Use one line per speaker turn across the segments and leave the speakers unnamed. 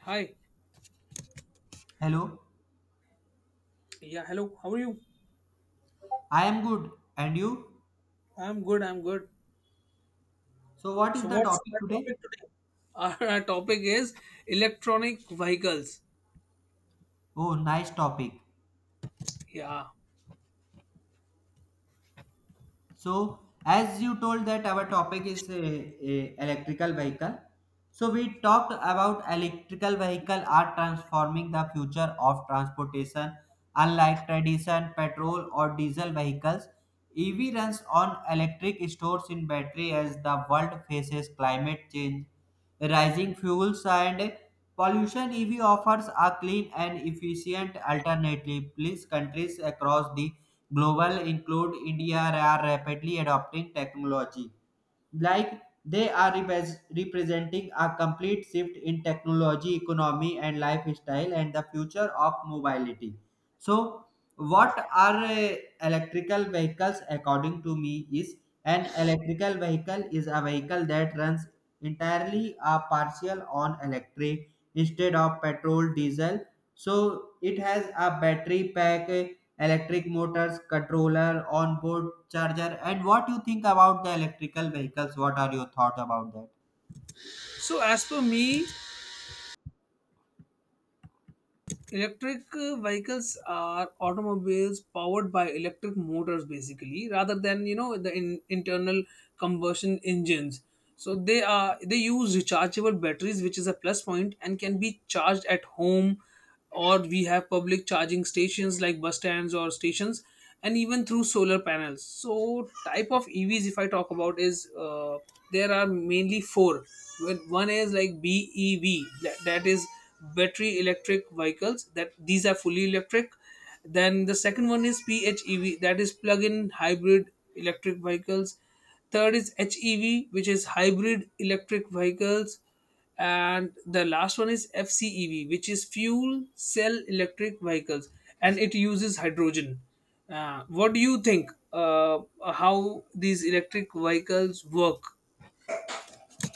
Hi.
Hello,
Yeah, hello. How are you?
I am good. And you?
I'm good.
So, what is
So,
the
what's
topic
our topic
today?
today? Our topic is electronic vehicles.
Oh, nice topic.
Yeah.
So, as you told that our topic is a electrical vehicle. So we talked about electrical vehicle are transforming the future of transportation. Unlike tradition, petrol or diesel vehicles, EV runs on electric stores in battery as the world faces climate change, rising fuels and pollution. EV offers a clean and efficient alternative. Please, countries across the global include India are rapidly adopting technology. Like they are representing a complete shift in technology, economy, and lifestyle, and the future of mobility. So, what are electrical vehicles? According to me, is an electrical vehicle is a vehicle that runs entirely a partial on electric instead of petrol, diesel. So it has a battery pack, electric motors, controller, onboard charger. And what you think about the electrical vehicles? What are your thought about that?
So, as per me, electric vehicles are automobiles powered by electric motors, basically, rather than the internal combustion engines. So they use rechargeable batteries, which is a plus point, and can be charged at home, or we have public charging stations like bus stands or stations, and even through solar panels. So type of EVs, if I talk about, is there are mainly four. Well, one is like BEV, that is battery electric vehicles that these are fully electric. Then the second one is PHEV, that is plug-in hybrid electric vehicles. Third is HEV, which is hybrid electric vehicles, and the last one is FCEV, which is fuel cell electric vehicles and it uses hydrogen. What do you think how these electric vehicles work?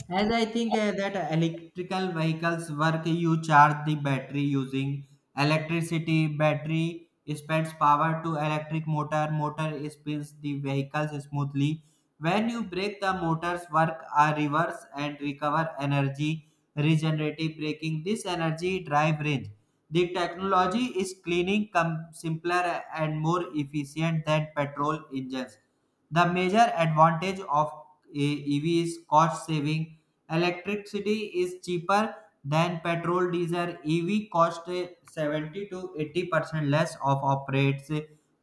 As I think that electrical vehicles work, you charge the battery using electricity. Battery spends power to electric motor. Motor spins the vehicles smoothly. When you brake, the motors work are reverse and recover energy. Regenerative braking. This energy drive range. The technology is cleaning, simpler and more efficient than petrol engines. The major advantage of a EV is cost saving. Electricity is cheaper than petrol, diesel. EV cost 70 to 80% less of operates.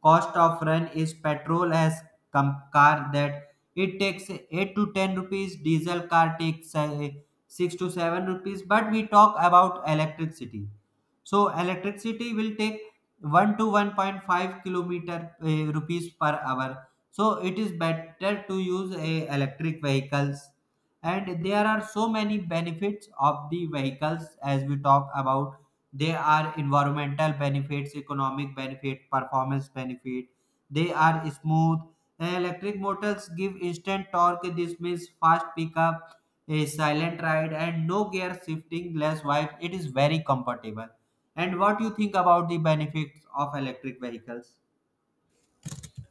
Cost of run is petrol as car that it takes 8 to 10 rupees. Diesel car takes 6 to 7 rupees. But we talk about electricity. So electricity will take 1 to 1.5 kilometer rupees per hour, so it is better to use a electric vehicles. And there are so many benefits of the vehicles, as we talk about. They are environmental benefits, economic benefit, performance benefit. They are smooth. Electric motors give instant torque. This means fast pickup, a silent ride and no gear shifting, less wipe. It is very comfortable. And what you think about the benefits of electric vehicles?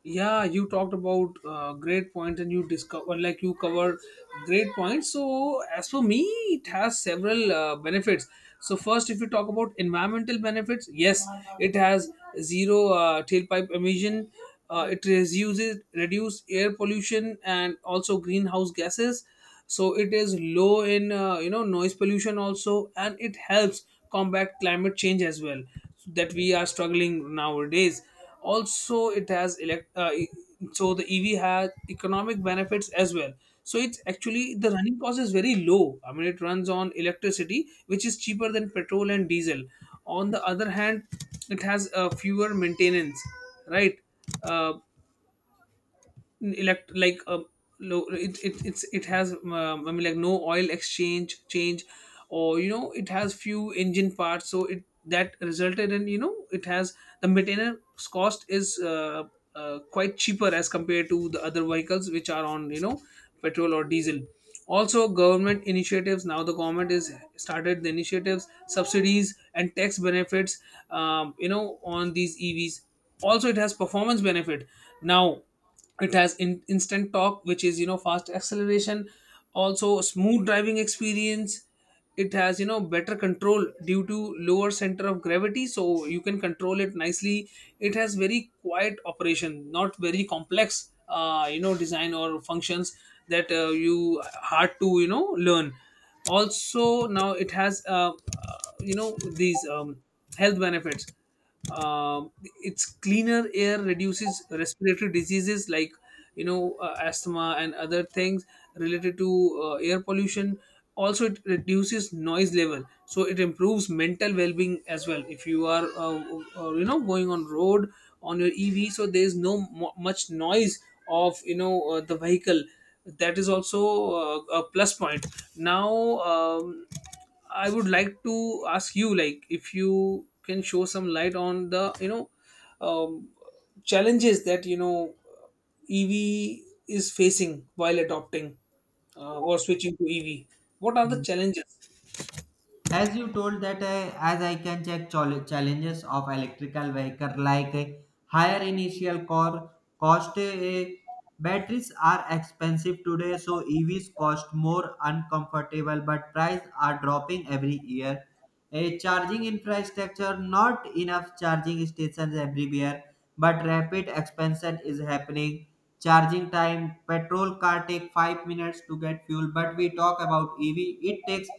Yeah, you talked about great points and you discover, like you covered great points. So as for me, it has several benefits. So first, if you talk about environmental benefits, yes, it has zero tailpipe emission. It reduces reduce air pollution and also greenhouse gases. So it is low in, noise pollution also, and it helps combat climate change as well, that we are struggling nowadays. Also it has so the EV has economic benefits as well. So it's actually the running cost is very low, I mean it runs on electricity, which is cheaper than petrol and diesel. On the other hand, it has fewer maintenance, right. uh, elect like low it, It it has, I mean, like no oil exchange change or you know it has few engine parts, so it that resulted in, you know, it has the maintenance cost is quite cheaper as compared to the other vehicles which are on, you know, petrol or diesel. Also government initiatives, now the government is started the initiatives, subsidies and tax benefits, you know, on these EVs. Also it has performance benefit. Now it has instant torque, which is, you know, fast acceleration, also smooth driving experience. It has, you know, better control due to lower center of gravity, so you can control it nicely. It has very quiet operation, not very complex you know design or functions that you hard to, you know, learn. Also now it has, you know, these health benefits. It's cleaner air, reduces respiratory diseases like, you know, asthma and other things related to air pollution. Also it reduces noise level, so it improves mental well-being as well. If you are you know, going on road on your EV, so there is no much noise of, you know, the vehicle. That is also a plus point. Now, um, I would like to ask you, like, if you can show some light on the, you know, um, challenges that, you know, EV is facing while adopting or switching to EV. What are the challenges?
As you told that, as I can check challenges of electrical vehicle, like higher initial core cost. Uh, batteries are expensive today, so evs cost more uncomfortable, but price are dropping every year. A charging infrastructure, not enough charging stations everywhere, but rapid expansion is happening. Charging time, petrol car take 5 minutes to get fuel, but we talk about ev, it takes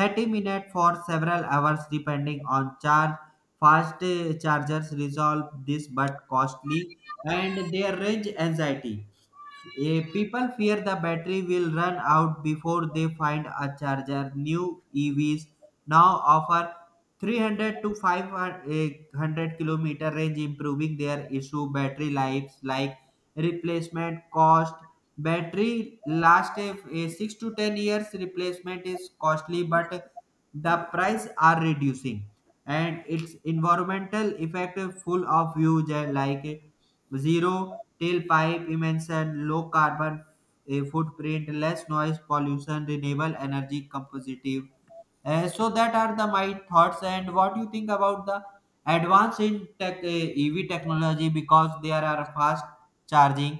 30 minutes for several hours depending on charge. Fast chargers resolve this but costly. And they range anxiety. People fear the battery will run out before they find a charger. New EVs now offer 300 to 500 kilometer range, improving their issue. Battery lives, like replacement cost. Battery last 6 to 10 years, replacement is costly, but the price are reducing. And its environmental effect full of huge, like zero tailpipe emission, low carbon footprint, less noise pollution, renewable energy, compositive. So that are the my thoughts. And what you think about the advance in tech, EV technology? Because there are fast charging,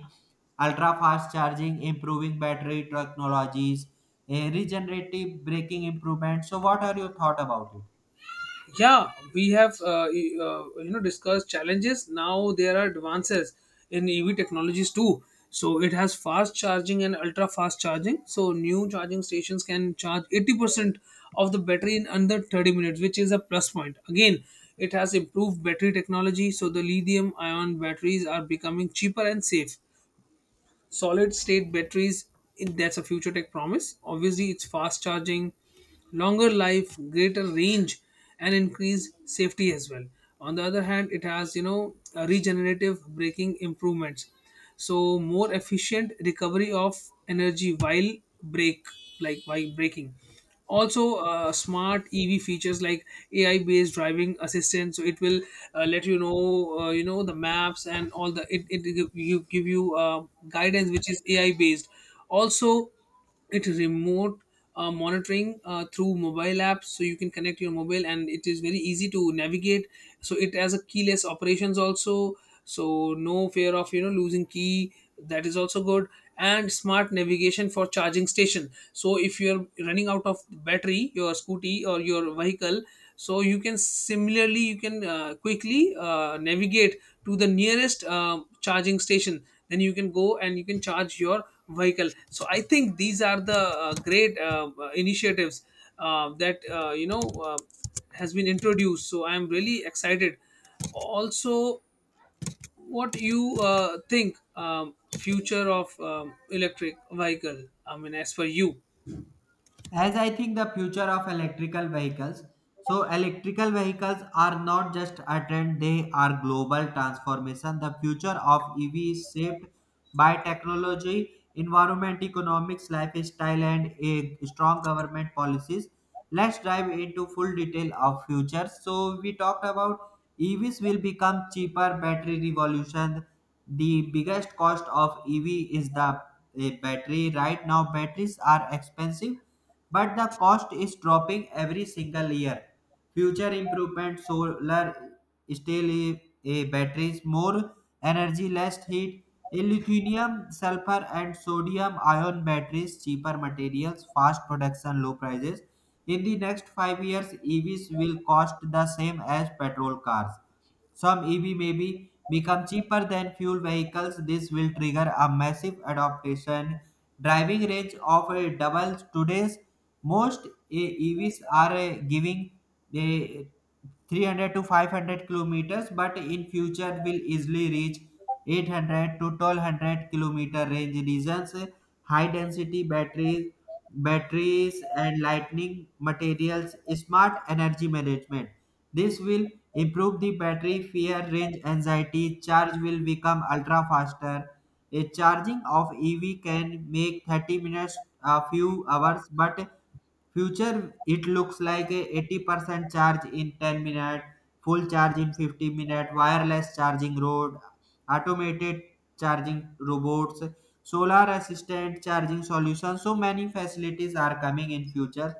ultra fast charging, improving battery technologies, regenerative braking improvement. So what are your thought about it?
Yeah, we have you know, discussed challenges. Now there are advances in EV technologies too. So it has fast charging and ultra fast charging, so new charging stations can charge 80% of the battery in under 30 minutes, which is a plus point again. It has improved battery technology, so the lithium ion batteries are becoming cheaper and safe. Solid state batteries, it- that's a future tech promise. Obviously it's fast charging, longer life, greater range and increased safety as well. On the other hand, it has, you know, a regenerative braking improvements, so more efficient recovery of energy while brake, like while braking. Also smart EV features like AI based driving assistance, so it will let you know, you know, the maps and all the it give you guidance, which is AI based. Also, it is remote monitoring through mobile apps, so you can connect your mobile and it is very easy to navigate. So it has a keyless operations also, so no fear of, you know, losing key. That is also good. And smart navigation for charging station, so if you're running out of battery, your scooty or your vehicle, so you can similarly you can quickly navigate to the nearest charging station, then you can go and you can charge your vehicle. So I think these are the great initiatives that you know has been introduced, so I am really excited. Also, what you think future of electric vehicle, I mean as for you?
As I think the future of electrical vehicles, so electrical vehicles are not just a trend, they are global transformation. The future of ev is shaped by technology, environment, economics, lifestyle, and a strong government policies. Let's dive into full detail of future. So we talked about evs will become cheaper. Battery revolution, the biggest cost of ev is the battery. Right now batteries are expensive, but the cost is dropping every single year. Future improvement, solar steel batteries, more energy, less heat, a lithium, sulfur, and sodium ion batteries, cheaper materials, fast production, low prices. In the next 5 years, EVs will cost the same as petrol cars. Some EV may be become cheaper than fuel vehicles. This will trigger a massive adaptation, driving range of a double today's. Most evs are giving the 300 to 500 kilometers, but in future will easily reach 800 to 1,200 kilometer range. Reasons, high density batteries and lightning materials, smart energy management. This will improve the battery fear range anxiety. Charge will become ultra faster. A charging of EV can make 30 minutes a few hours, but future it looks like a 80% charge in 10 minutes, full charge in 50 minutes, wireless charging road, automated charging robots, solar assistant charging solutions. So many facilities are coming in future.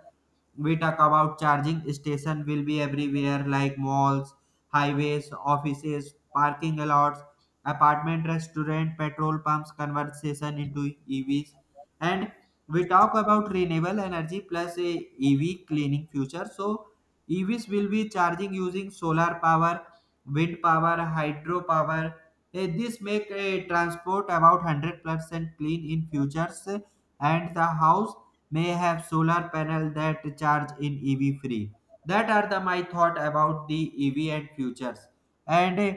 We talk about charging station will be everywhere, like malls, highways, offices, parking lots, apartment, restaurant, petrol pumps, conversation into EVs. And we talk about renewable energy plus a EV cleaning future. So EVs will be charging using solar power, wind power, hydropower. This make a transport about 100% clean in futures, and the house may have solar panel that charge in EV free. That are the my thought about the EV and futures. And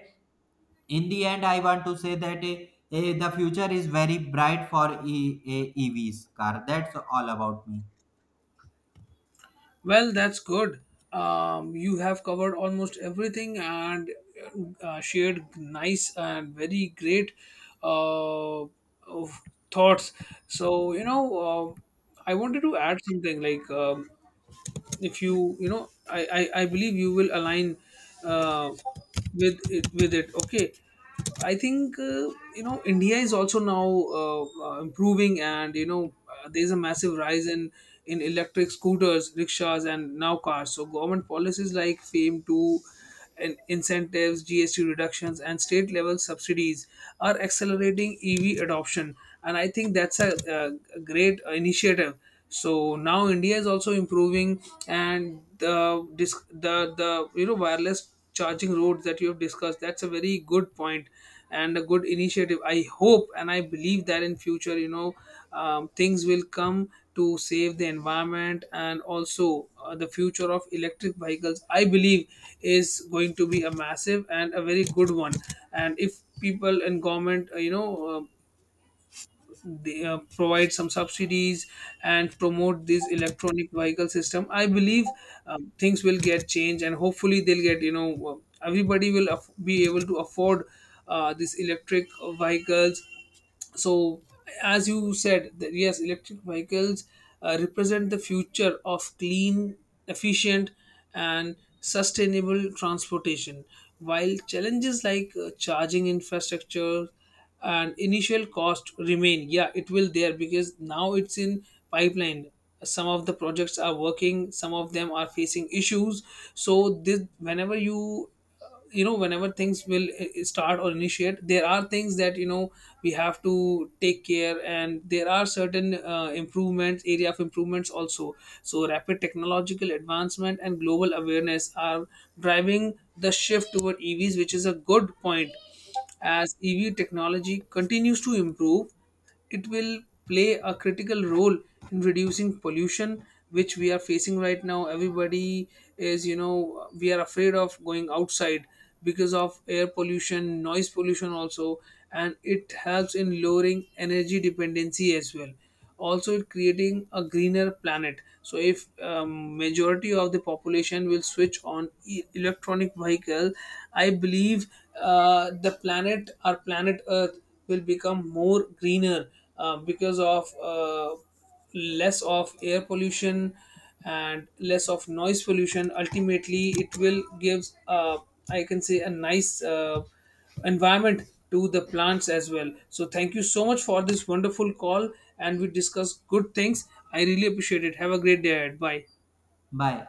in the end I want to say that the future is very bright for evs car. That's all about me.
Well, that's good. You have covered almost everything and shared nice and very great uh, of thoughts. So you know, um, I wanted to add something, like, if you, you know, I believe you will align uh, with it, okay. I think, you know, India is also now improving and, you know, there's a massive rise in electric scooters, rickshaws and now cars. So government policies like fame to and incentives, GST reductions, and state level subsidies are accelerating EV adoption. And I think that's a great initiative. So now India is also improving. And the dis- the you know wireless charging roads that you have discussed, that's a very good point and a good initiative. I hope and I believe that in future, you know, things will come to save the environment, and also the future of electric vehicles, I believe, is going to be a massive and a very good one. And if people and government, you know, provide some subsidies and promote this electronic vehicle system, I believe things will get changed and hopefully they'll get, you know, everybody will be able to afford these electric vehicles. So, as you said that, yes, electric vehicles represent the future of clean, efficient and sustainable transportation. While challenges like charging infrastructure and initial cost remain, yeah, it will there, because now it's in pipeline. Some of the projects are working, some of them are facing issues. So this whenever you, you know, whenever things will start or initiate, there are things that, you know, we have to take care, and there are certain improvements, area of improvements also. So rapid technological advancement and global awareness are driving the shift toward EVs, which is a good point. As EV technology continues to improve, it will play a critical role in reducing pollution, which we are facing right now. Everybody is, you know, we are afraid of going outside because of air pollution, noise pollution, also, and it helps in lowering energy dependency as well. Also it creating a greener planet, so if majority of the population will switch on electronic vehicle, I believe the planet, our planet earth, will become more greener, because of less of air pollution and less of noise pollution. Ultimately it will gives, I can say, a nice environment to the plants as well. So thank you so much for this wonderful call, and we discuss good things. I really appreciate it. Have a great day ahead. Bye.
Bye.